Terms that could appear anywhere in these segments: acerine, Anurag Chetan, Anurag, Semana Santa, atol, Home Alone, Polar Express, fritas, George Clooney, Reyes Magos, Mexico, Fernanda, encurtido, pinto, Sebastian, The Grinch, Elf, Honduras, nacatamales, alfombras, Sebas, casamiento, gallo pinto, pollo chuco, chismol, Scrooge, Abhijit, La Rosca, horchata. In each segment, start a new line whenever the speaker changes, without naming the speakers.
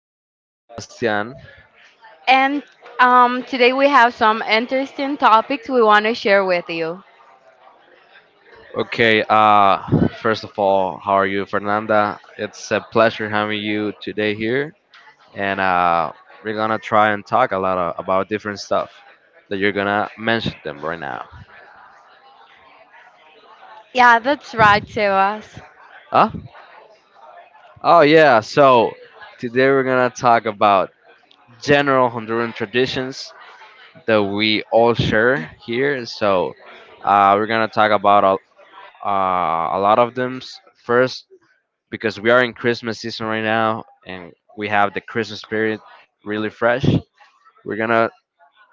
this is Sebastian.
and today we have some interesting topics we want to share with you.
Okay, first of all, how are you, Fernanda? It's a pleasure having you today here, and we're gonna try and talk a lot about different stuff that you're gonna mention them right now.
Yeah, that's right, Sebas.
Huh? Oh yeah. So today we're gonna talk about general Honduran traditions that we all share here. So we're gonna talk about a lot of them. First, because we are in Christmas season right now and we have the Christmas spirit really fresh. We're gonna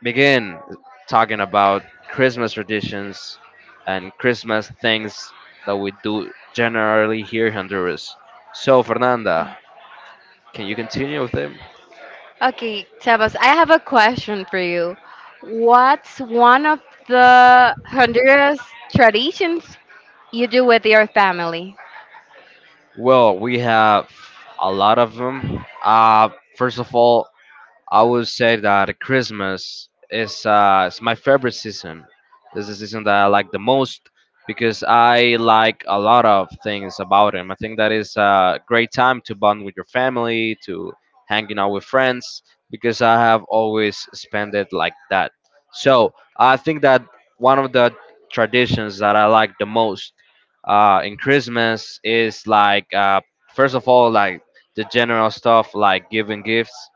begin talking about Christmas traditions and Christmas things that we do generally here in Honduras. So, Fernanda, can you continue with them?
Okay, Sebas, I have a question for you. What's one of the Honduras traditions you do with your family?
Well, we have a lot of them. First of all, I would say that Christmas is my favorite season. This is the season that I like the most because I like a lot of things about him. I think that is a great time to bond with your family, to hanging out with friends, because I have always spent it like that. So I think that one of the traditions that I like the most in Christmas is like first of all like the general stuff like giving gifts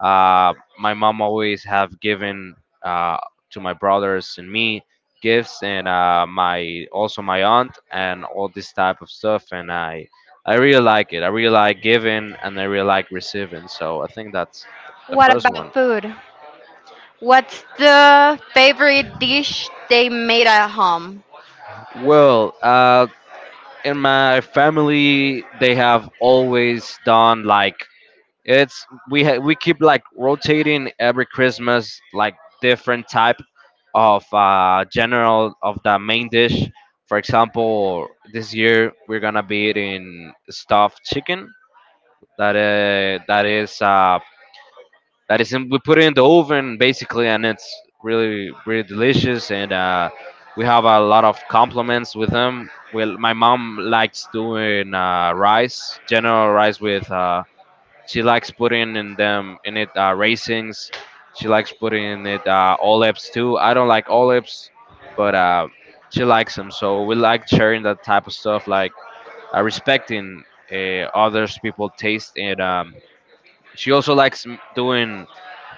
my mom always have given uh, to my brothers and me gifts, and my also my aunt and all this type of stuff. And I really like it. I really like giving, and I really like receiving. So I think that's the
What
first one.
about food? What's the favorite dish they made at home?
Well, in my family, they have always done like It's we ha- we keep like rotating every Christmas like different type of general of the main dish. For example, this year we're gonna be eating stuffed chicken that that is in, we put it in the oven basically, and it's really delicious. And we have a lot of compliments with them. Well, my mom likes doing rice, general rice with she likes putting in them in it raisins. She likes putting in it olives too. I don't like olives, but she likes them. So we like sharing that type of stuff, like respecting others people taste. And she also likes doing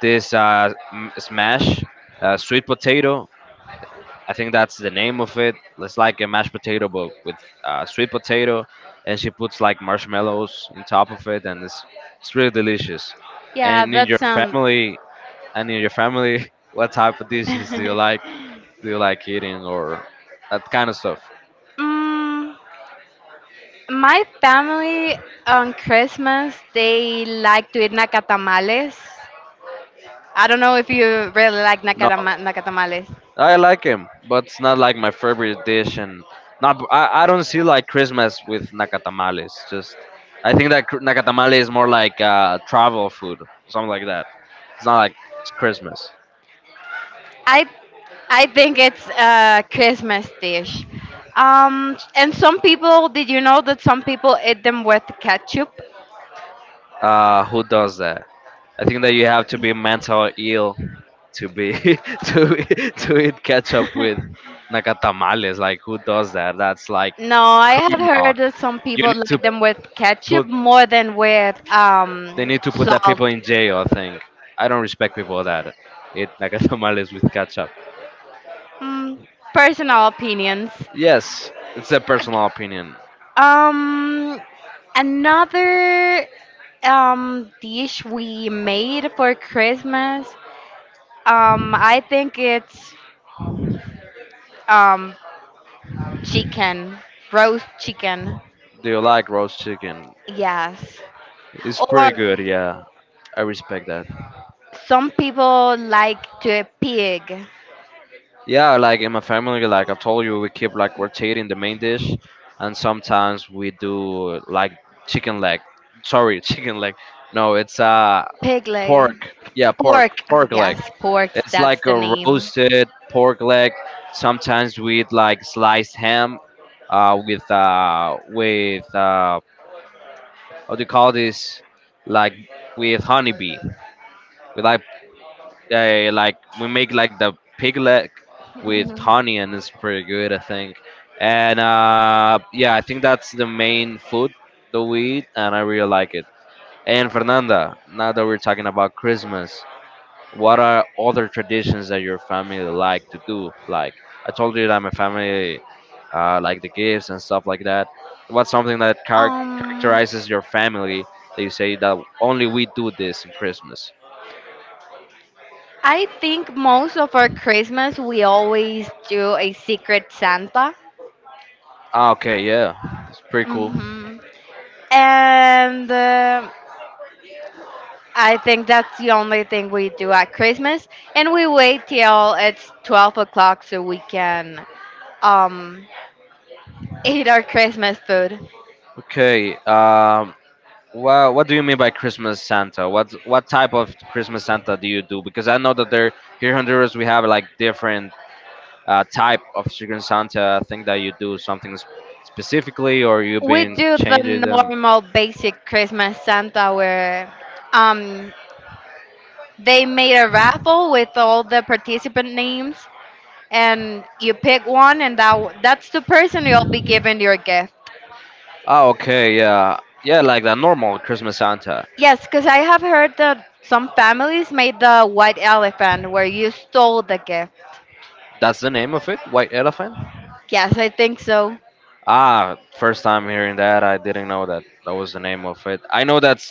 this smash sweet potato. I think that's the name of it. It's like a mashed potato, but with sweet potato, and she puts like marshmallows on top of it, and it's really delicious.
Yeah,
And in
that
your
sounds.
family, and in your family, what type of dishes do you like? Do you like eating or that kind of stuff?
mm, My family on Christmas they like to eat nacatamales. I don't know if you really like
No,
nacatamales.
I like him, but it's not like my favorite dish, and not I, I don't see like Christmas with nakatamales. Just I think that nakatamale is more like travel food, something like that. It's not like it's Christmas.
I I think it's a Christmas dish. And some people, did you know that some people eat them with ketchup?
Who does that? I think that you have to be mental ill to be to eat ketchup with nakatamales. Like who does that? That's like
No, I have
criminal.
heard that some
You
people
need to
like them with ketchup
put
more than with
put that
salt.
people in jail. I don't respect people that eat nakatamales with ketchup.
Mm, Personal opinions.
Yes, it's a personal opinion.
Um, Another dish we made for Christmas. I think it's um chicken, roast chicken.
Do you like roast chicken?
Yes,
It's
or
pretty good. Yeah, I respect that.
some people like to eat
Yeah, like in my family, like I told you, we keep like rotating the main dish, and sometimes we do like chicken leg. Sorry, chicken leg. No, it's
pig leg,
pork. Yeah,
pork. Oh,
pork leg.
yes, pork.
It's
That's
like
the
a
name.
roasted pork leg. Sometimes with like sliced ham, with what do you call this? Like with honeybee. We like we make like the pig leg with
Mhm.
honey, and it's pretty good, I think. And yeah, I think that's the main food that we eat and I really like it. And Fernanda, now that we're talking about Christmas, what are other traditions that your family like to do? Like I told you that my family like the gifts and stuff like that, what's something that
Um,
characterizes your family that you say that only we do this in Christmas?
I think most of our Christmas we always do a secret Santa.
Ah, okay, yeah, it's pretty cool.
Mm-hmm. And I think that's the only thing we do at Christmas, and we wait till it's 12 o'clock so we can um, eat our Christmas food.
Okay. Well, what do you mean by Christmas Santa? What type of Christmas Santa do you do? Because I know that there here in Honduras we have like different type of chicken Santa. I think that you do something specifically, or you've
We
been
do the
changing them.
normal basic Christmas Santa where um, they made a raffle with all the participant names and you pick one and that's the person you'll be giving your gift.
Oh, okay. Yeah, yeah, like the normal Christmas Santa.
Yes, because I have heard that some families made the white elephant where you stole the gift.
That's the name of it. White elephant.
Yes, I think so.
Ah, first time hearing that. I didn't know that that was the name of it. I know that's.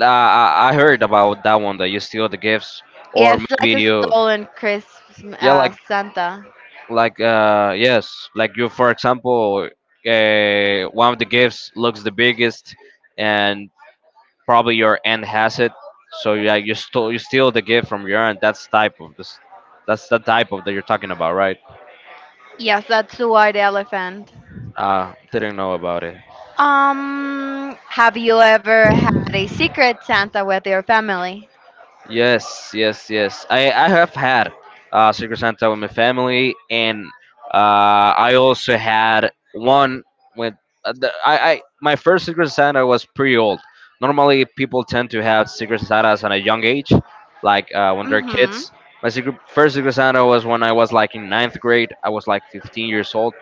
I heard about that one that you steal the gifts, or
Yes, like
maybe
a
you.
stolen Christmas
Yeah, like
Santa.
you for example, one of the gifts looks the biggest and probably your aunt has it. So yeah, you steal the gift from your aunt. That's type of this, that's the type of that you're talking about, right?
Yes, that's the white elephant.
Didn't know about it.
Have you ever had a secret Santa with your family?
Yes. I have had Secret Santa with my family, and I also had one with the, I my first Secret Santa was pretty old. Normally, people tend to have Secret Santas at a young age, like when they're
Mm-hmm.
kids. My first Secret Santa was when I was like in 9th grade. I was like 15 years old,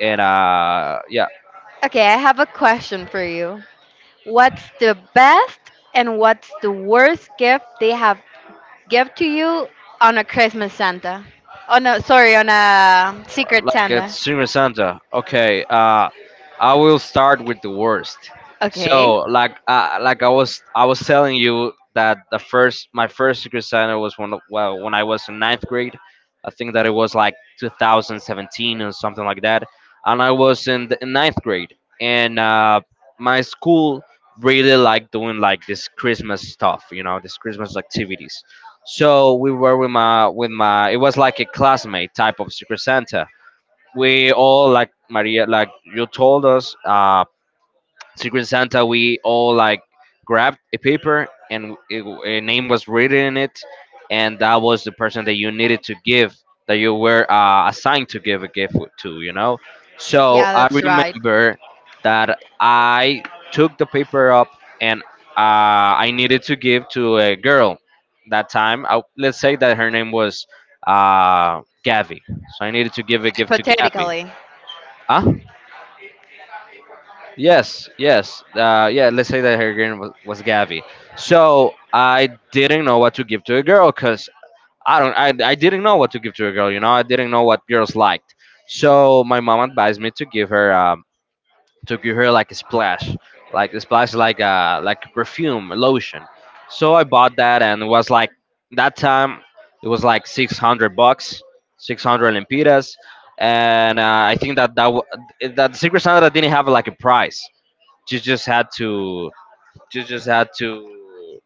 and
Okay, I have a question for you. What's the best and what's the worst gift they have give to you on a Christmas Santa. Oh no, sorry, on a Secret
like at
Santa.
Secret Santa. Okay, I will start with the worst. So,
Okay.
I was telling you that my first Secret Santa was when, well, when I was in 9th grade. I think that it was like 2017 or something like that, and I was in the in 9th grade, and my school really liked doing like this Christmas stuff, you know, this Christmas activities. So we were with my it was like a classmate type of Secret Santa. We all like Maria, like you told us, Secret Santa. We all like grabbed a paper and a name was written in it, and that was the person that you needed to give, that you were assigned to give a gift to. You know, so
Yeah,
I
that's right.
remember that I took the paper up and I needed to give to a girl that time. I, let's say that her name was Gavi. So I needed to give a gift to Gavi.
Hypothetically.
Huh? Yes. Yeah, let's say that her girl was Gabby. So I didn't know what to give to a girl because I don't, I didn't know what to give to a girl. You know, I didn't know what girls liked. So my mom advised me to give her, like a splash, like a perfume, a lotion. So I bought that, and it was like that time it was like $600, 600 lempiras, and I think that that Secret Santa didn't have like a price. You just had to you just had to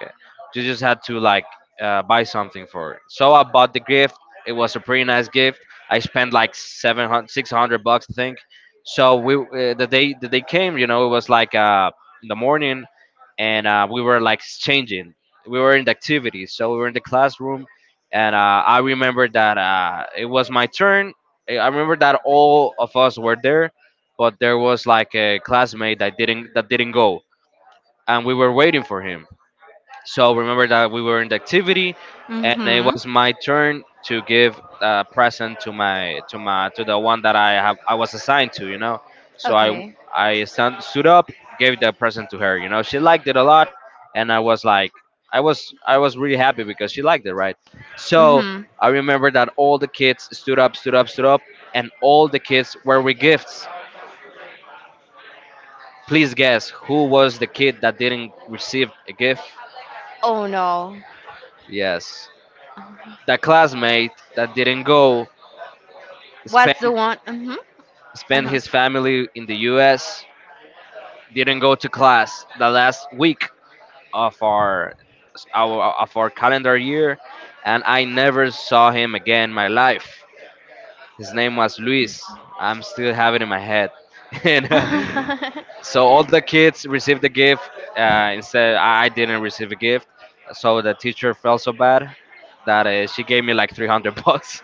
okay, You just had to like buy something for it. So I bought the gift. It was a pretty nice gift. I spent like 700, $600 I think. So we the day that they came, you know, it was like in the morning, and we were like exchanging. We were in the activities, so we were in the classroom, and I remember that it was my turn. I remember that all of us were there, but there was like a classmate that didn't go, and we were waiting for him. So remember that we were in the activity, and it
Mm-hmm.
was my turn to give a present to my to my to the one that I was assigned to. You know, so I
Okay.
I stood up, gave the present to her. You know, she liked it a lot, and I was like I was really happy because she liked it, right? So
Mm-hmm.
I remember that all the kids stood up, and all the kids were with gifts. Please guess who was the kid that didn't receive a gift?
Oh no.
Yes. That classmate that didn't go
What's
spent
the one? Mm-hmm.
his family in the U.S. didn't go to class the last week of our of our calendar year, and I never saw him again in my life. His name was Luis. I'm still have it in my head, and
Uh-huh.
so all the kids received the gift. Instead, I didn't receive a gift, so the teacher felt so bad that she gave me like 300 bucks.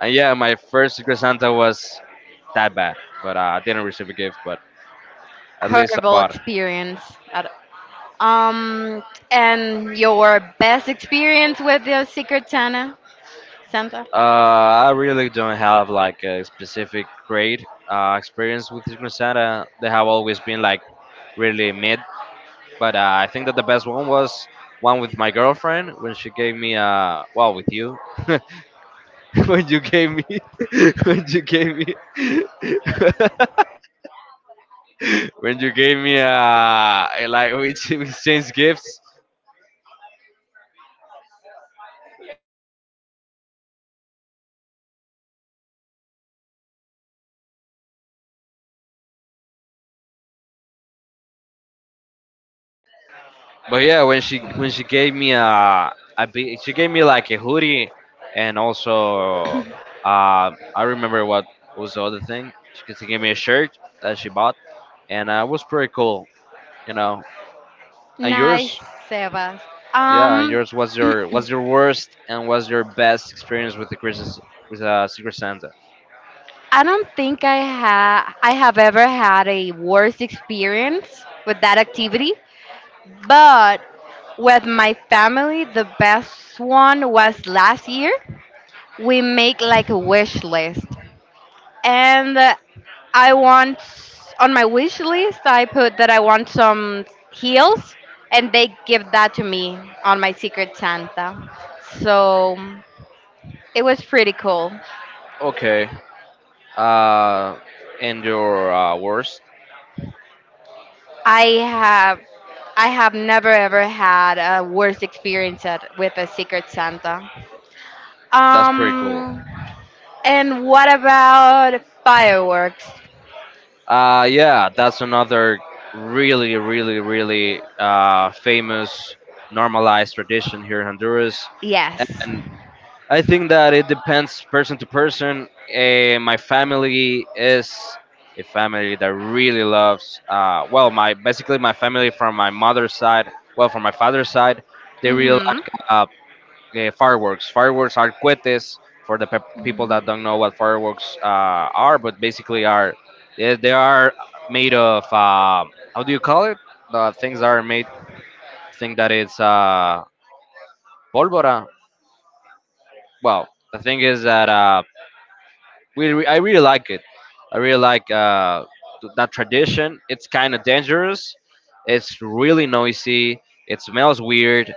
And yeah, my first Secret Santa was that bad, but I didn't receive a gift, but at least I
Horrible
bought it.
experience. At, um, and your best experience with your Secret Santa? Santa?
Uh, I really don't have like a specific great experience with Secret Santa. They have always been like really mid, but I think that the best one was one with my girlfriend when she gave me well with you, when you gave me when you gave me when you gave me, like, we exchanged gifts. But yeah, when she gave me a bi- she gave me like a hoodie, and also, I remember what was the other thing. She gave me a shirt that she bought, and it was pretty cool, you know. And yours.
Nice, Sebas.
Yeah, and
Um,
yours. What's your worst and what's your best experience with the Christmas with Secret Santa?
I don't think I have ever had a worse experience with that activity, but with my family, the best one was last year. We make like a wish list, and I want on my wish list I put that I want some heels, and they give that to me on my Secret Santa. So it was pretty cool.
Okay, uh, and your worst.
I have I have never ever had a worse experience with a Secret Santa.
That's pretty cool.
Um, and what about fireworks?
Yeah, that's another really, really, really famous normalized tradition here in Honduras.
Yes.
And I think that it depends person to person. My family is a family that really loves, my basically my family from my mother's side, well, from my father's side, they really
Mhm.
like fireworks. Fireworks are cohetes for the people that don't know what fireworks are, but basically are they are made of how do you call it? The things that are made. Think that it's pólvora. Well, the thing is that I really like it. I really like that tradition. It's kind of dangerous. It's really noisy. It smells weird,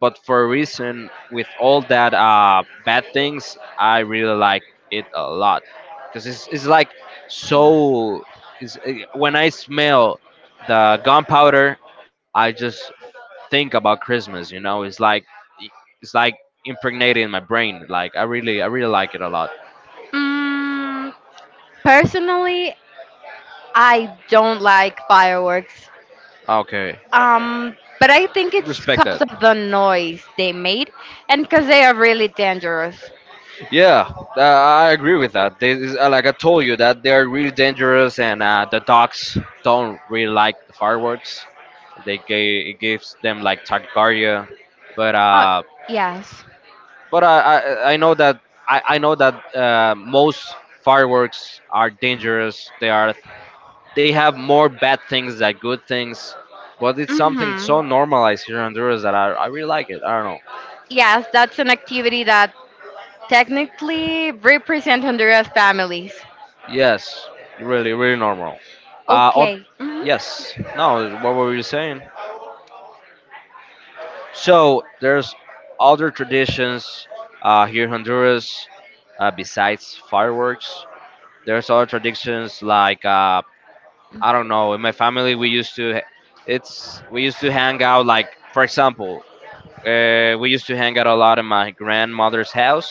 but for a reason, with all that bad things, I really like it a lot because it's like so. When I smell the gunpowder, I just think about Christmas. You know, it's like it's like impregnated in my brain. Like I really like it a lot.
Mm, Personally, I don't like fireworks.
Okay.
But I think it's
Respect
because
that.
of the noise they made and because they are really dangerous.
Yeah, I agree with that. Like I told you, that they're really dangerous, and the dogs don't really like the fireworks. It gives them like tachycardia, but
Oh,
uh,
yes.
but I know that most fireworks are dangerous. They have more bad things than good things, but it's something so
Mhm.
normalized here in Honduras that I really like it. I don't know.
Yes, that's an activity that technically, represent Honduras families.
Yes, really, really normal. Uh, oth-
Okay. Hmm.
yes. No, what were you saying? So there's other traditions here in Honduras besides fireworks. There's other traditions like, I don't know. In my family, we used to hang out, like, for example, we used to hang out a lot in my grandmother's house,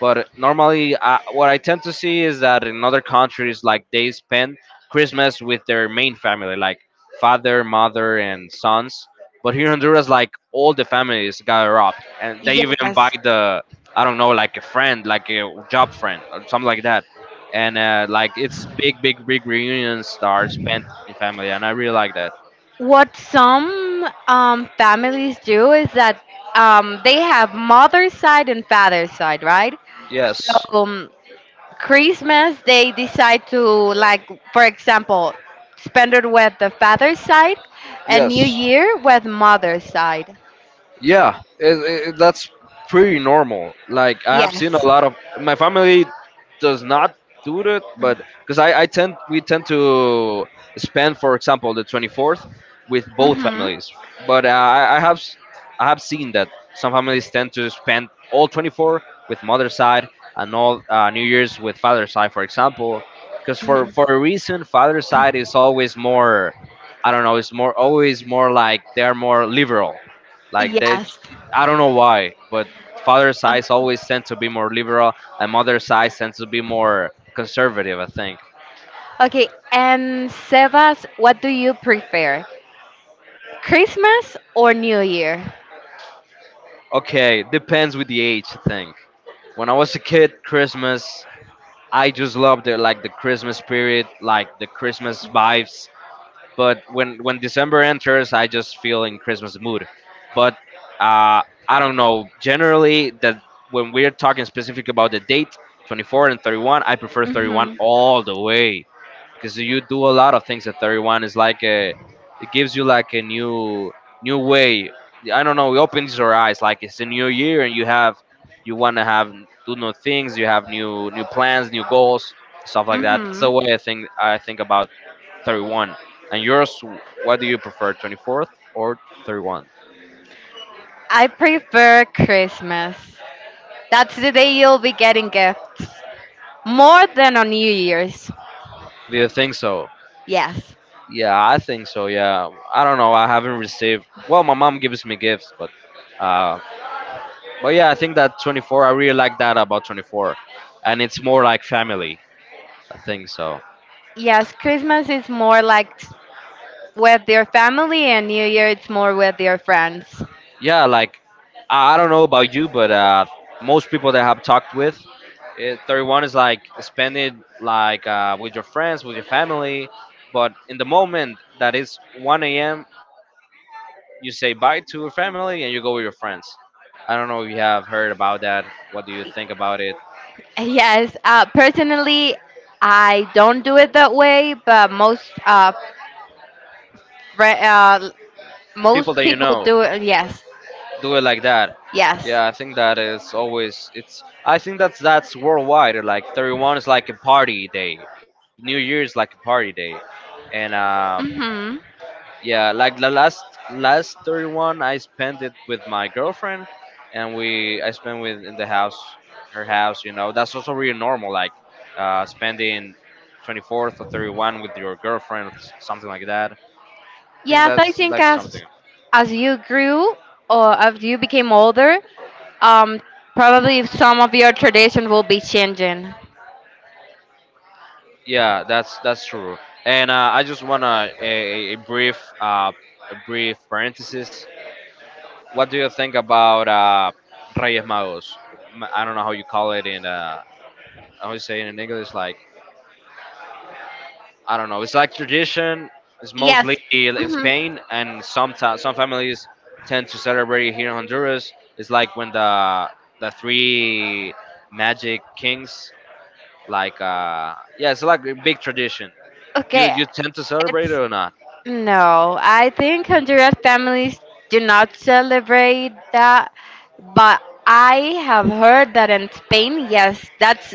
but normally, what I tend to see is that in other countries, like they spend Christmas with their main family, like father, mother, and sons. But here in Honduras, like all the families gather up, and they even
Yes.
invite the I don't know, like a friend, like a job friend, or something like that. And like it's big, big, big reunions that are spent in family, and I really like that.
What some families do is that they have mother's side and father's side, right?
Yes.
So Christmas, they decide to, like, for example, spend it with the father's side and New
Yes,
Year with mother's side.
yeah, that's pretty normal. Like I have seen
Yes.
a lot of my family does not do that, but because I tend we tend to spend, for example, the 24th with both
Mm-hmm.
families. But I have seen that some families tend to spend all 24 with mother's side and all New Year's with father's side, for example. Because for a reason, father's side is always more. I don't know. It's more, always more, like they're more liberal, like they,
Yes.
I don't know why, but father's eyes always tend to be more liberal, and mother's eyes tend to be more conservative, I think.
Okay, and Sebas, what do you prefer? Christmas or New Year?
Okay, depends with the age, I think. When I was a kid, Christmas, I just loved the, like, the Christmas spirit, like the Christmas vibes. But when December enters, I just feel in Christmas mood. But uh, I don't know. Generally, that when we're talking specific about the date, 24 and 31, I prefer 31
Mhm.
all the way, because you do a lot of things at 31. It's like it gives you like a new way. I don't know. It opens your eyes. Like it's a new year, and you want to have, do new things. You have new plans, new goals, stuff like that. That's the
Mhm.
way I think about 31. And yours, what do you prefer, 24th or 31?
I prefer Christmas. That's the day you'll be getting gifts. More than on New Year's.
Do you think so?
Yes.
Yeah, I think so. Yeah, I don't know. I haven't received. Well, my mom gives me gifts, but uh, but yeah, I think that 24, I really like that about 24. And it's more like family, I think so.
Yes, Christmas is more like with your family and New Year it's more with your friends.
Yeah, like, I don't know about you, but most people that I have talked with, 31 is like spending like, with your friends, with your family. But in the moment that it's 1 a.m., you say bye to your family and you go with your friends. I don't know if you have heard about that. What do you think about it?
Yes, personally, I don't do it that way, but fri- uh,
People
most
that you
people
know
do it. Yes,
do it like that.
yes.
Yeah, I think that is always it's. I think that's worldwide. Like 31 is like a party day. New Year is like a party day, and
Mhm.
yeah, like the last 31 I spent it with my girlfriend, and we I spent with, in the house, her house. You know, that's also really normal. Like spending 24th or 31 with your girlfriend, something like that. I think
Yeah. I
that's
think
like something.
as you grew or as you became older, um, probably some of your tradition will be changing.
Yeah, that's true. And I just wanna a brief parenthesis. What do you think about Reyes Magos? I don't know how you call it in how you say it in English. Like, I don't know. It's like tradition. It's
Yes.
mostly in
Hmm.
Spain, and sometimes some families tend to celebrate it here in Honduras. It's like when the three magic kings, like, yeah, it's like a big tradition.
Okay.
You tend to celebrate it
It's
or not?
No. I think Honduras families do not celebrate that, but I have heard that in Spain, yes, that's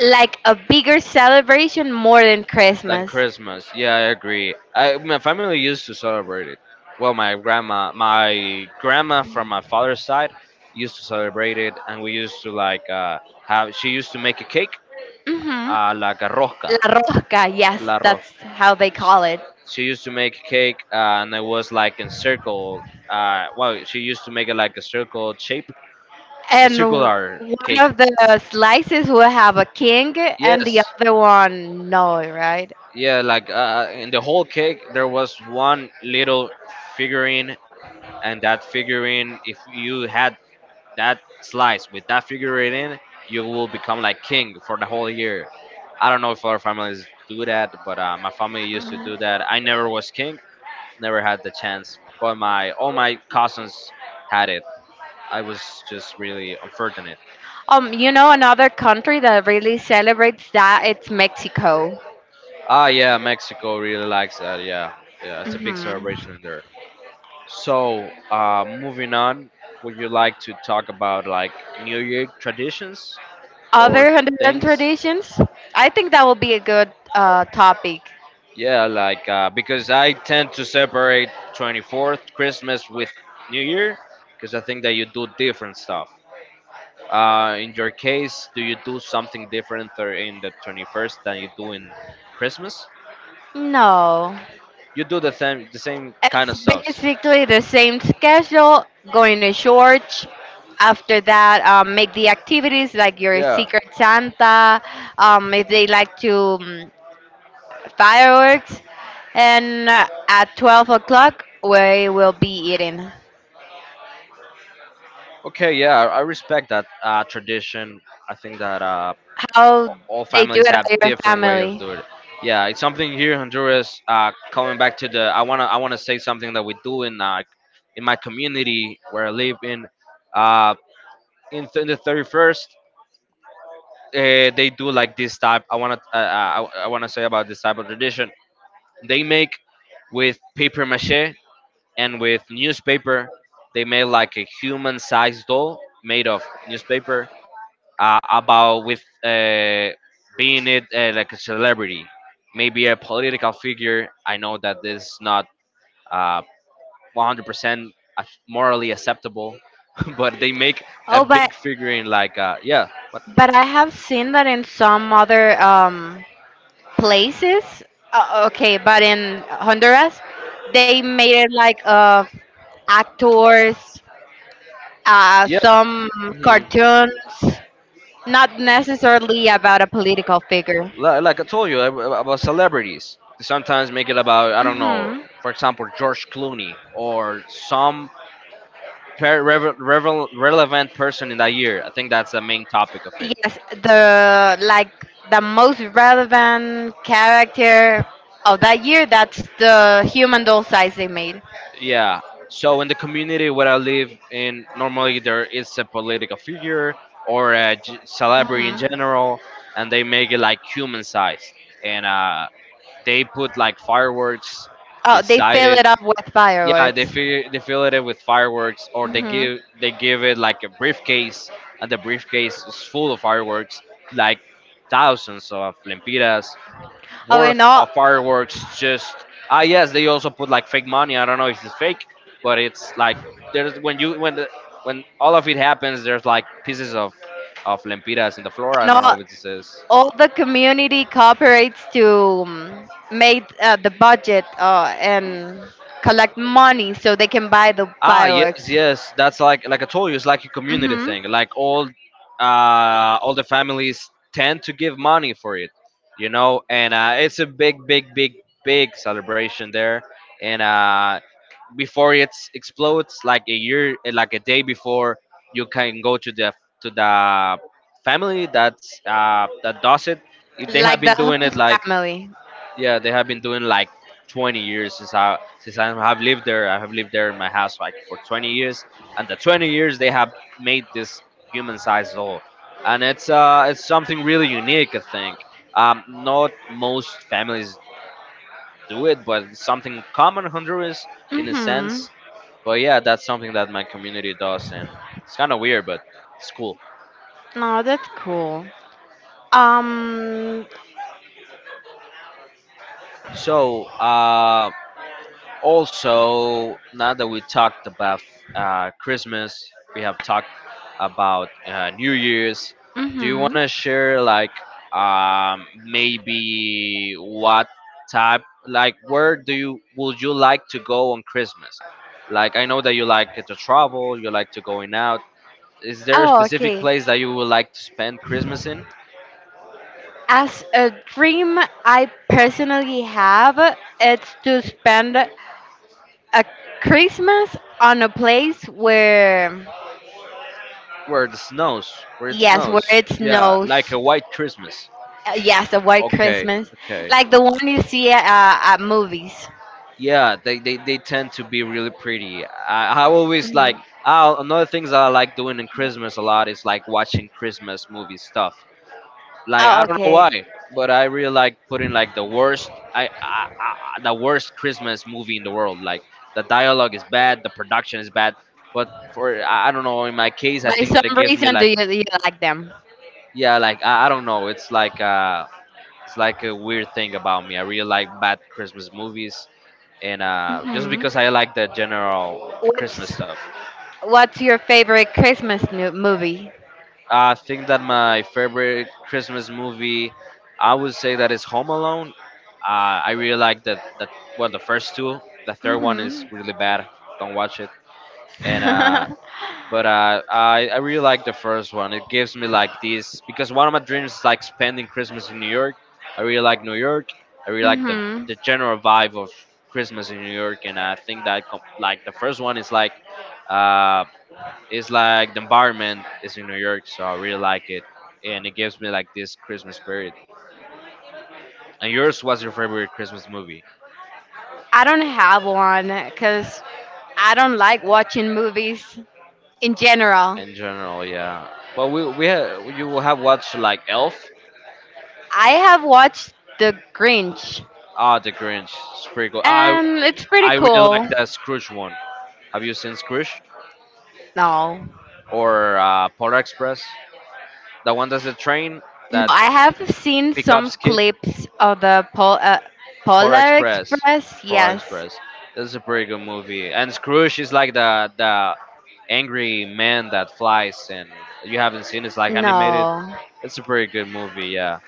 like a bigger celebration more than
Than
Christmas.
Christmas. Yeah, I agree. My family used to celebrate it. Well, my grandma from my father's side, used to celebrate it, and we used to like have. She used to make a cake,
Mhm.
like a rosca,
La Rosca, yes,
la
that's
rosca.
how they call it.
She used to make a cake, and it was like in circle. She used to make it like a circle shape, the
And
circular
one
cake.
of the slices will have a king and
Yes,
the other one no, right?
yeah, like, in the whole cake there was one little figurine, and that figurine, if you had that slice with that figurine in, you will become like king for the whole year. I don't know if other families do that, but my family used to
Mhm.
do that. I never was king, never had the chance, but my all my cousins had it. I was just really unfortunate.
You know another country that really celebrates that it's Mexico.
Ah, yeah, Mexico really likes that. Yeah, yeah, it's a big
Hmm.
celebration there. So moving on, would you like to talk about, like, new year traditions or
Other Honduran
things?
traditions? I think that will be a good topic.
Yeah, like, because I tend to separate 24th Christmas with New Year, because I think that you do different stuff. In your case, do you do something different or in the 21st than you do in Christmas?
No.
You do the same kind
It's
of stuffs.
basically the same schedule, going to church. After that, make the activities like your
Yeah.
Secret Santa, if they like to um, fireworks. And at 12 o'clock, we will be eating.
Okay. Yeah, I respect that tradition. I think that
How
all
they do it
families have
at your
different ways of
family?
doing it. Yeah, it's something here in Honduras. Coming back to the, I wanna say something that we do in my community where I live in. Uh, in in the 31st, they do like this type. I wanna say about this type of tradition. They make with paper mache and with newspaper. They make like a human-sized doll made of newspaper, about with being it like a celebrity, maybe a political figure. I know that this is not uh, 100% morally acceptable, but they make a
Oh, but
big figure in, like, yeah, what.
but I have seen that in some other places. Okay, but in Honduras, they made it like of actors,
Yeah,
some
mhm.
cartoons, not necessarily about a political figure.
Like I told you about celebrities. Sometimes make it about, I don't know,
Hmm.
for example, George Clooney or some relevant person in that year. I think that's the main topic of it.
Yes, the like the most relevant character of that year. That's the human doll size they made.
Yeah. So in the community where I live in, normally there is a political figure or a celebrity in
Hmm.
general, and they make it like human size, and they put like fireworks
Oh, they
beside
fill
it.
it up with
Yeah,
fireworks.
they fill it with fireworks, or they
Hmm.
give it like a briefcase, and the briefcase is full of fireworks, like thousands of lempiras,
Oh,
worth
and all
of fireworks just. Yes, they also put like fake money. I don't know if it's fake, but it's like there's when all of it happens, there's like pieces of lempiras in the floor. I
and
don't know
all.
if it says.
All the community cooperates to um, make the budget and collect money so they can buy the
Ah, yes,
fireworks.
yes. That's like I told you, it's like a community
Hmm.
thing. Like all the families tend to give money for it. And it's a big, big, big, big celebration there. And before it explodes, like a year, like a day before, you can go to the family that does it. They have
Like the
been doing
whole
it like
family.
yeah they have been doing like 20 years. Since I have lived there, I have lived there in my house like for 20 years, and the 20 years they have made this human sized doll, and it's it's something really unique, I think. Not most families do it, but it's something common in Honduras, in a
Hmm.
sense. But yeah, that's something that my community does, and it's kind of weird, but it's cool.
No, that's cool. Um.
so uh. Also, now that we talked about Christmas, we have talked about New Year's. Do you want
Hmm.
to share, like, maybe what type, like, where do you would you like to go on Christmas? Like, I know that you like to travel, you like to going out. Is there a
Oh,
specific
okay.
place that you would like to spend Christmas in?
As a dream, I personally have it's to spend a Christmas on a place
Where it snows, where it
yes, where
snows.
it
Yeah,
snows.
like a white Christmas.
Yes, a white
Okay,
Christmas,
okay.
like the one you see at movies.
Yeah, they tend to be really pretty. I always
Hmm.
like I, another things that I like doing in Christmas a lot is like watching Christmas movie stuff. Like
Oh,
I don't know
okay.
why, but I really like putting like the worst I the worst Christmas movie in the world. Like the dialogue is bad, the production is bad, but for I don't know, in my case I
By
think that it
some
gives me
reason, do
like
you, you like them?
yeah like I don't know, it's like a weird thing about me. I really like bad Christmas movies, and just
Hmm.
because I like the general Christmas
What's
stuff.
What's your favorite Christmas movie?
I think that my favorite Christmas movie, I would say that is Home Alone. I really like that. That well, the first two. The third one is
Hmm.
really bad. Don't watch it. And
Hmm.
but I really like the first one. It gives me like this because one of my dreams is like spending Christmas in New York. I really like New York. I really like the general vibe of Christmas in New York, and I think that like the first one is like uh, it's like the environment is in New York, so I really like it, and it gives me like this Christmas spirit. And yours, what's your favorite Christmas movie
I don't have one because I don't like watching movies in general.
in general, yeah. Well, you will have watched like Elf,
I have watched The Grinch,
ah, The Grinch, it's pretty cool.
and it's pretty
I really like
cool.
that Scrooge one. Have you seen Scrooge
No,
or Polar Express? The one that's the train
no,
that
I have seen some
pickups kid.
clips of the
Polar
Polar
Express.
Express.
Polar
Yes.
Express. This is a pretty good movie. And Scrooge is like the angry man that flies, and you haven't seen. It's like animated.
No.
It's a pretty good movie. Yeah,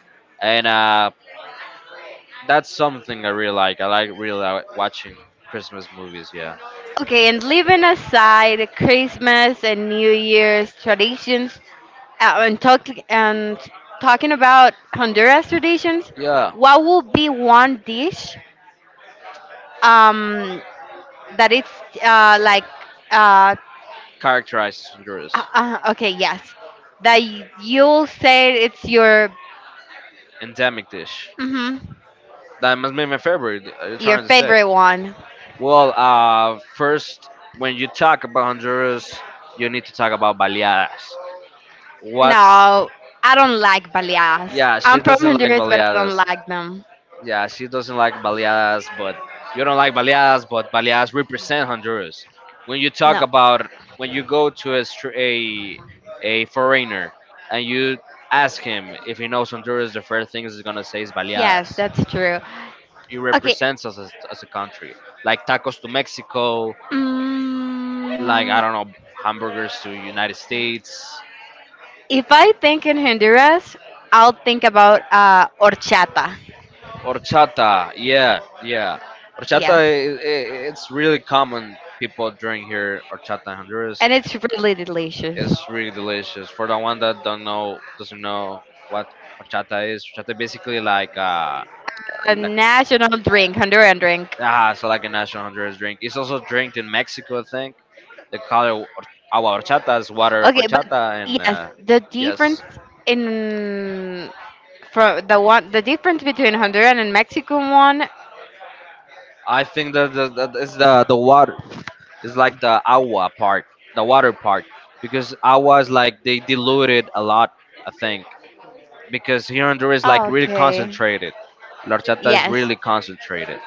and that's something I really like. I like really like watching Christmas movies. Yeah,
Okay, and leaving aside Christmas and New Year's traditions, and talking about Honduras traditions,
yeah.
what would be one dish um, that it's like uh,
Characterizes Honduras.
okay, yes, that you'll say it's
Endemic dish.
mhm,
That must be my favorite. Are you
your
trying to say?
favorite one.
Well, first when you talk about Honduras, you need to talk about baleadas. What's
No, I don't like baleas.
Yeah,
I'm
she
from
doesn't like
Honduras, but I don't
baleadas.
like them.
Yeah, she doesn't like baleadas, but you don't like baleadas, but baleadas represent Honduras. When you talk
No.
about when you go to a a foreigner and you ask him if he knows Honduras, the first thing he's gonna say is
Yes,
baleadas.
that's true.
It
Okay.
represents us as a country, like tacos to Mexico, like
Mm,
I don't know, hamburgers to United States.
if I think in Honduras, I'll think about horchata.
Horchata, yeah, yeah. Horchata,
Yes,
I it's really common people drink here. Horchata in Honduras
and it's really delicious.
it's really delicious. For the one that don't know, doesn't know what horchata is, horchata basically
A
like
national drink, Honduran drink.
ah, so like a national Honduras drink. It's also drank in Mexico, I think. They call it agua horchata, is water of
Okay, but
horchata, and
yes, the difference
yes,
in the difference between Honduran and Mexican one.
I think that that is the water it's like the agua part, the water part, because agua is like they diluted a lot, I think. Because here in Honduras is like really
Okay.
concentrated. La horchata is
Yes,
really concentrated.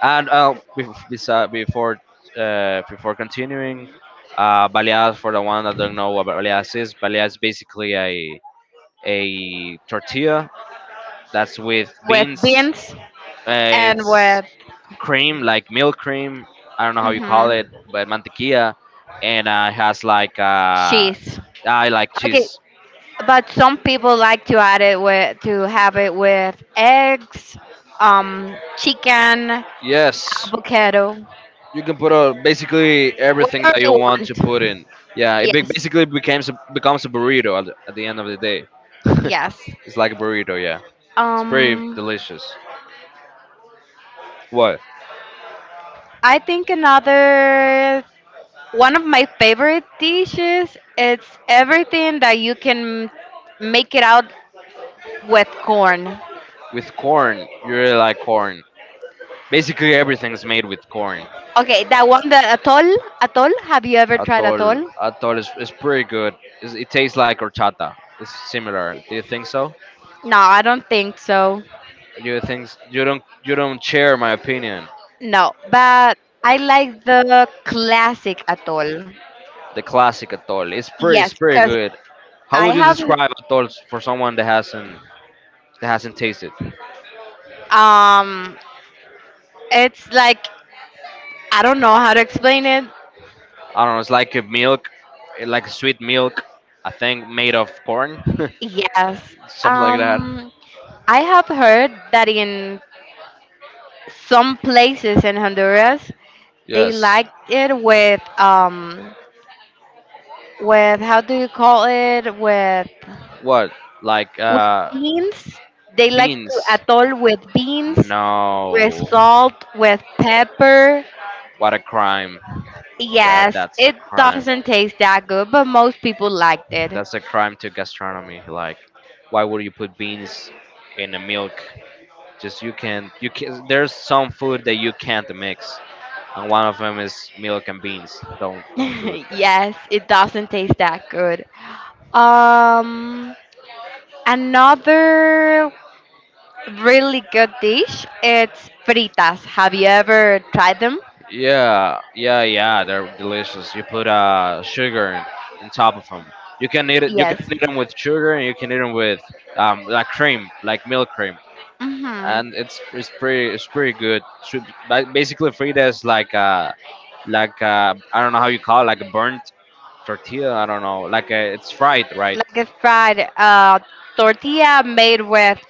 And before continuing, baleadas for the one that don't know what baleadas is basically a tortilla that's with
with
beans.
beans and
It's
with
cream, like milk cream. I don't know how you call it,
mhm,
but mantequilla, and it has like
cheese.
I like
Okay.
cheese.
But some people like to add it with to have it with eggs, chicken,
Yes,
avocado,
you can put basically everything
whatever
that
you
you want to put
want.
in. Yeah, it
Yes,
basically becomes a, becomes a burrito at the end of the day.
yes.
It's like a burrito. Yeah, it's pretty
Um,
delicious. What
I think another one of my favorite dishes. It's everything that you can make it out with corn.
with corn? You really like corn. Basically, everything's made with corn.
Okay, that one, the atol. Have you ever tried
Atol,
atol?
atol is pretty good. It's, it tastes like horchata. It's similar. Do you think so?
No, I don't think so.
You think you don't share my opinion?
No, but I like the classic atol.
The classic atol.
Yes,
It's pretty
because
good. How
I
would you
have,
describe atol for someone that hasn't tasted?
um, it's like, I don't know how to explain it.
I don't know. It's like a milk, eh, like sweet milk. I think made of corn,
Yes.
something like that.
Um, I have heard that in some places in Honduras, they
Yes.
liked it with, how do you call it? With
What? Like
with beans. They like to
beans,
atol with beans,
no,
with salt, with pepper.
what a crime! That
Yes,
that's a
it
crime.
doesn't taste that good, but most people liked it.
That's a crime to gastronomy. Like, why would you put beans in a milk? Just you can't. You can. There's some food that you can't mix, and one of them is milk and beans. Don't do it.
Yes, it doesn't taste that good. Um, Another really good dish. It's fritas. Have you ever tried them?
Yeah, yeah, yeah. They're delicious. You put sugar in, on top of them. You can eat it. You can
Yes.
eat them with sugar, and you can eat them with like cream, like milk cream.
Mm-hmm.
And it's pretty good. So, basically, Frida is like a, I don't know how you call it, like a burnt tortilla. I don't know. Like a, it's fried, right?
Like a fried tortilla made with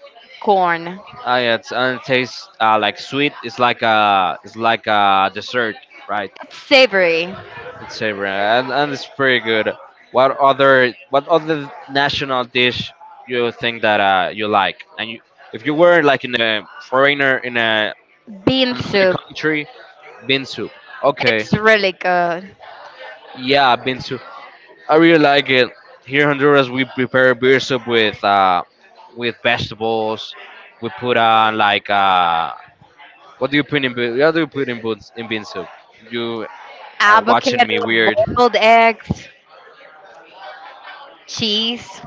corn.
Yeah, it's and it tastes like sweet. It's like a dessert, right?
It's savory.
It's savory and it's pretty good. What other national dish you think that you like? And you, if you were like in a foreigner in a
Bean
another
soup.
country, bean soup. Okay,
It's really good.
yeah, bean soup I really like it. Here in Honduras, we prepare beer soup with vegetables. We put on like what do you put in what do you put in beans? In bean soup? You are watching
Avocado,
me weird.
boiled eggs, cheese.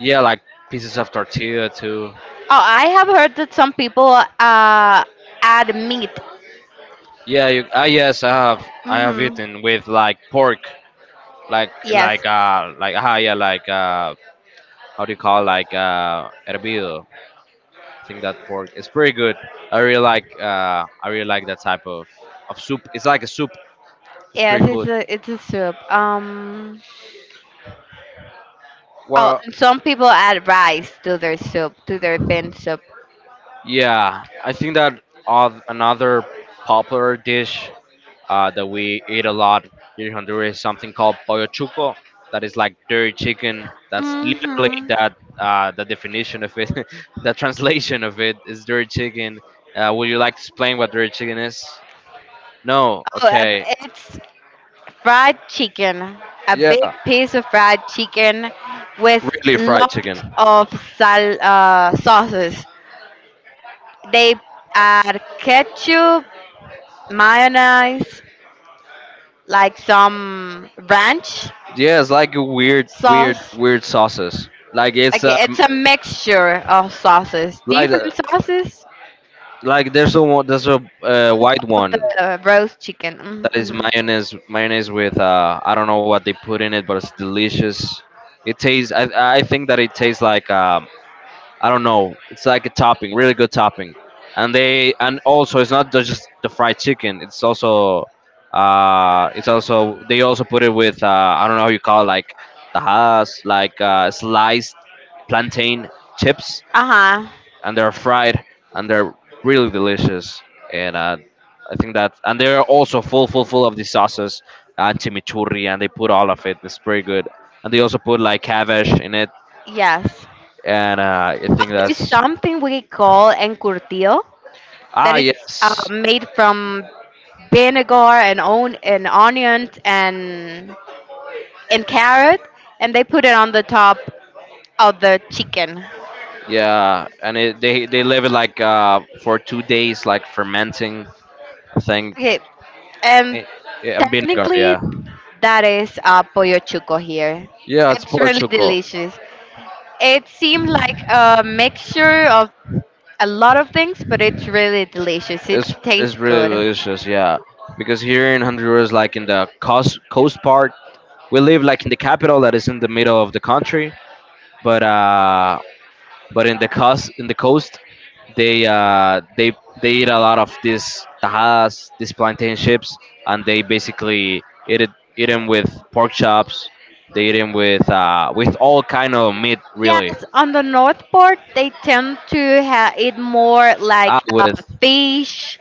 Yeah, like pieces of tortilla too.
Oh, I have heard that some people uh, add meat.
Yeah, you, ah yes, I have
Hmm.
eaten with like pork, like
Yes.
like uh like ah yeah like uh how do you call like hervido? I think that pork is pretty good. I really like that type of soup. It's like a soup. It's
Yes,
pretty
it's
cool.
a it's a soup. Oh,
Well,
and some people add rice to their soup, to their bean soup.
yeah, I think that another popular dish that we eat a lot here in Honduras is something called pollo chuco. That is like dirty chicken. That's literally
Hmm.
that the definition of it. The translation of it is dirty chicken. Would you like to explain what dirty chicken is? No.
Oh,
Okay.
it's fried chicken, a
Yeah.
big piece of fried chicken with
Really fried chicken.
lots of sauces. They add ketchup, mayonnaise, like some ranch
Yeah, it's like a weird, weird,
sauce.
weird sauces. Like it's
Okay, it's a mixture of sauces,
like uh,
different sauces
like there's a one, there's a
on
white
top of
one
the roast chicken.
that is
Mm-hmm.
mayonnaise, mayonnaise with I don't know what they put in it, but it's delicious. It tastes. I think that it tastes like I don't know. It's like a topping, really good topping. And they and also it's not just the fried chicken. It's also they also put it with I don't know how you call it, like tajadas, like sliced plantain chips,
Uh huh.
and they're fried, and they're really delicious. And I think that and they're also full full full of the sauces and chimichurri, and they put all of it. It's pretty good. And they also put like cabbage in it,
Yes.
and I think
There's
that's
something we call encurtido
ah,
that it's
yes,
made from vinegar and on and onions and carrot, and they put it on the top of the chicken.
yeah, and it, they leave it like for 2 days, like fermenting. I think
Okay, and
eh, and vinegar.
technically
Yeah,
that is pollo chuco here.
yeah, it's
It's really
pochuco.
delicious. It seemed like a mixture of a lot of things, but it's really delicious. It
It's
tastes
really
good.
delicious. Yeah, because here in Honduras, like in the coast part, we live like in the capital that is in the middle of the country. But uh, But in the coast, they uh, they they eat a lot of these tajadas, these plantain chips, and they basically eat it eat them with pork chops. They eat them with all kind of meat, really.
Yes, on the north part, they tend to eat more
Ah,
like
with
fish,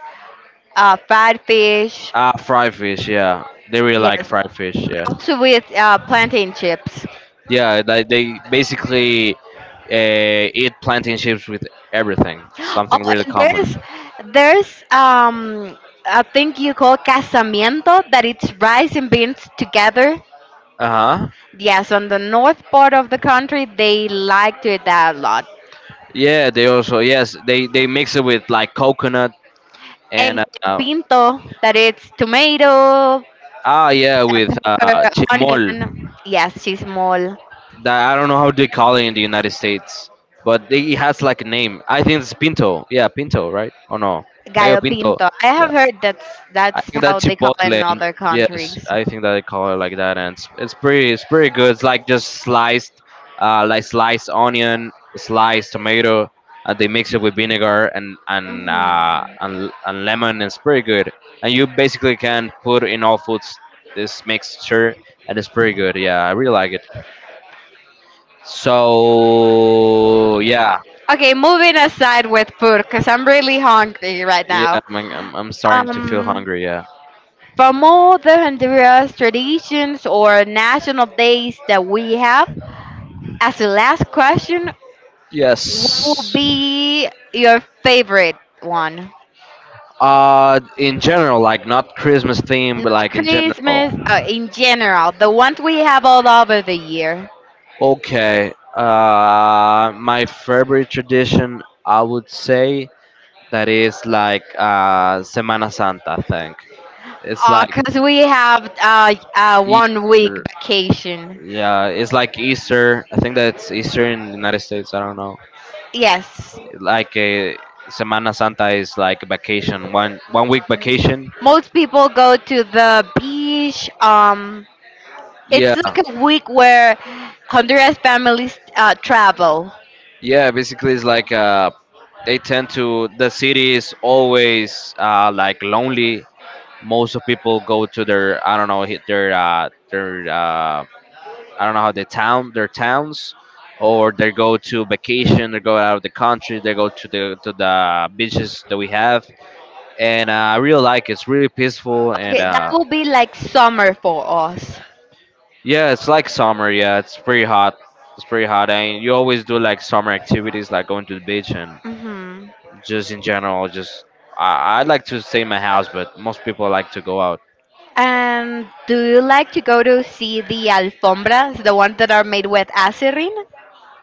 fried fish.
ah fried fish, yeah. They really like
Yes,
fried fish,
but
yeah.
also with plantain chips.
Yeah, like they basically eat plantain chips with everything. It's
Oh,
something really
and there's
common.
there's a thing you call casamiento that it's rice and beans together.
Uh huh.
Yes, on the north part of the country they like to eat that a lot.
Yeah, they also yes, they mix it with like coconut and
And pinto that it's tomato, uh,
ah, yeah, with
pepper,
chimol.
onion. Yes, chismol,
That I don't know how they call it in the United States, but they, it has like a name. I think it's pinto. Yeah, pinto, right? Oh no, gallo
gallo
pinto.
pinto. I have
Yeah.
heard that's
I
that's
think
how
that
they call it in
Chipotle.
other
Yes,
countries.
I think that they call it like that, and it's pretty. It's pretty good. It's like just sliced, like sliced onion, sliced tomato, and they mix it with vinegar and and
Hmm.
uh, and, and lemon. It's pretty good, and you basically can put in all foods this mixture, and it's pretty good. Yeah, I really like it. So yeah,
Okay, moving aside with food, because I'm really hungry right
yeah,
now.
I'm starting to feel
Um,
hungry. Yeah.
from all the Honduras traditions or national days that we have, as the last question, what would
Yes.
be your favorite one?
In general, like not Christmas theme, but
Not
like in general.
Christmas, in general, the ones we have all over the year.
Okay. My favorite tradition, I would say, that is like Semana Santa. I think it's like
Because we have 1 week
Easter.
vacation.
Yeah, it's like Easter. I think that's Easter in the United States. I don't know.
Yes.
Like a Semana Santa is like vacation, one week vacation.
Most people go to the beach.
Yeah,
It's like a week where Honduras families travel.
yeah, basically, it's like they tend to. The city is always like lonely. Most of people go to their I don't know hit their I don't know how they town their towns, or they go to vacation. They go out of the country. They go to the beaches that we have, and I really like it. It's really peaceful and
Okay, that will be like summer for us.
yeah, it's like summer. Yeah, it's pretty hot. It's pretty hot, and you always do like summer activities like going to the beach and
Hmm.
just in general, just I like to stay in my house, but most people like to go out.
And do you like to go to see the alfombras, the ones that are made with acerine?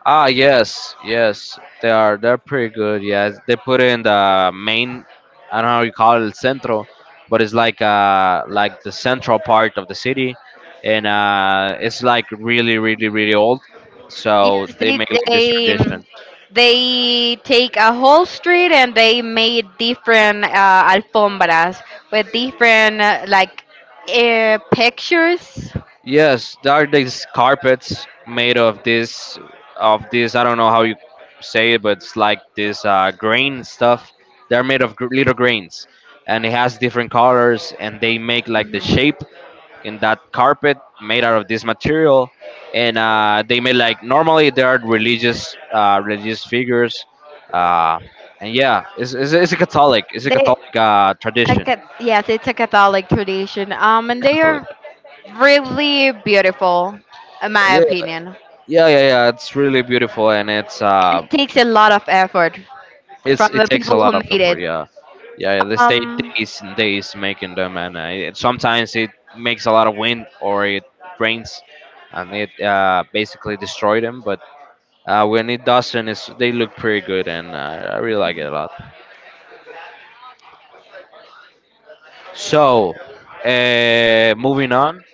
Ah, yes, yes, they are. They're pretty good. Yes, they put in the main. I don't know how you call it, el centro, but it's like the central part of the city, and it's like really really really old. So
Yes,
they make like this
they um,
tradition.
they take a whole street and they made different alfombras with different like pictures.
Yes, there are these carpets made of this I don't know how you say it, but it's like this grain stuff. They're made of little grains, and it has different colors, and they make like the
Mhm.
shape in that carpet made out of this material. And they made like normally there are religious religious figures, uh, and yeah, it's a Catholic
They A
Tradition.
cat, yes, it's a Catholic tradition. And they
Catholic.
are really beautiful, in my
Yeah,
opinion.
yeah. It's really beautiful, and
It takes a lot of effort
it's
from
it
the
takes a
people who
lot of
made
effort.
it.
Yeah, yeah, they stay
Um,
days and days making them, and sometimes it makes a lot of wind or it rains, and it basically destroy them. But when it doesn't, they look pretty good, and I really like it a lot. So, moving on.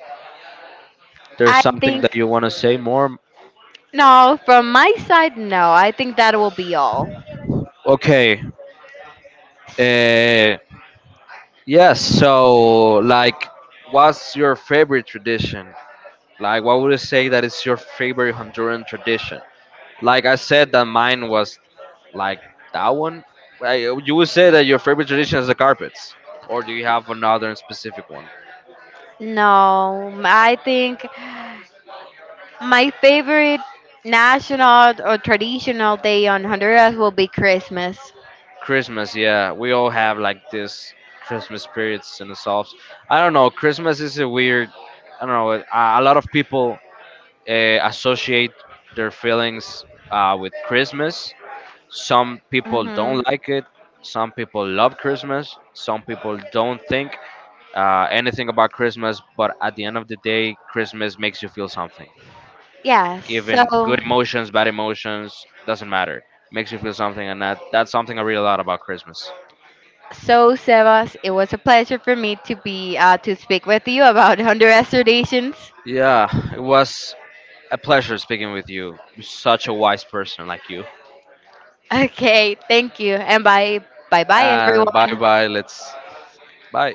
There's
I
something
think
that you want to say more?
no, from my side, no. I think that will be all.
Okay. Uh, yes. So, like, what's your favorite tradition? Like, what would you say that is your favorite Honduran tradition? Like I said, that mine was like that one. You would say that your favorite tradition is the carpets, or do you have another and specific one?
No, I think my favorite national or traditional day on Honduras will be Christmas.
Christmas, yeah, we all have like this Christmas spirits in ourselves. I don't know. Christmas is a weird. I don't know. A lot of people associate their feelings with Christmas. Some people
Mhm.
don't like it. Some people love Christmas. Some people don't think anything about Christmas, but at the end of the day, Christmas makes you feel something.
Yes.
Even
So.
good emotions, bad emotions, doesn't matter. Makes you feel something, and that's something I really love about Christmas.
So, Sebas, it was a pleasure for me to speak with you about Honduras traditions.
Yeah, it was a pleasure speaking with you. You're such a wise person like you.
Okay, thank you, and bye, bye, bye,
And bye
everyone.
bye. Let's bye.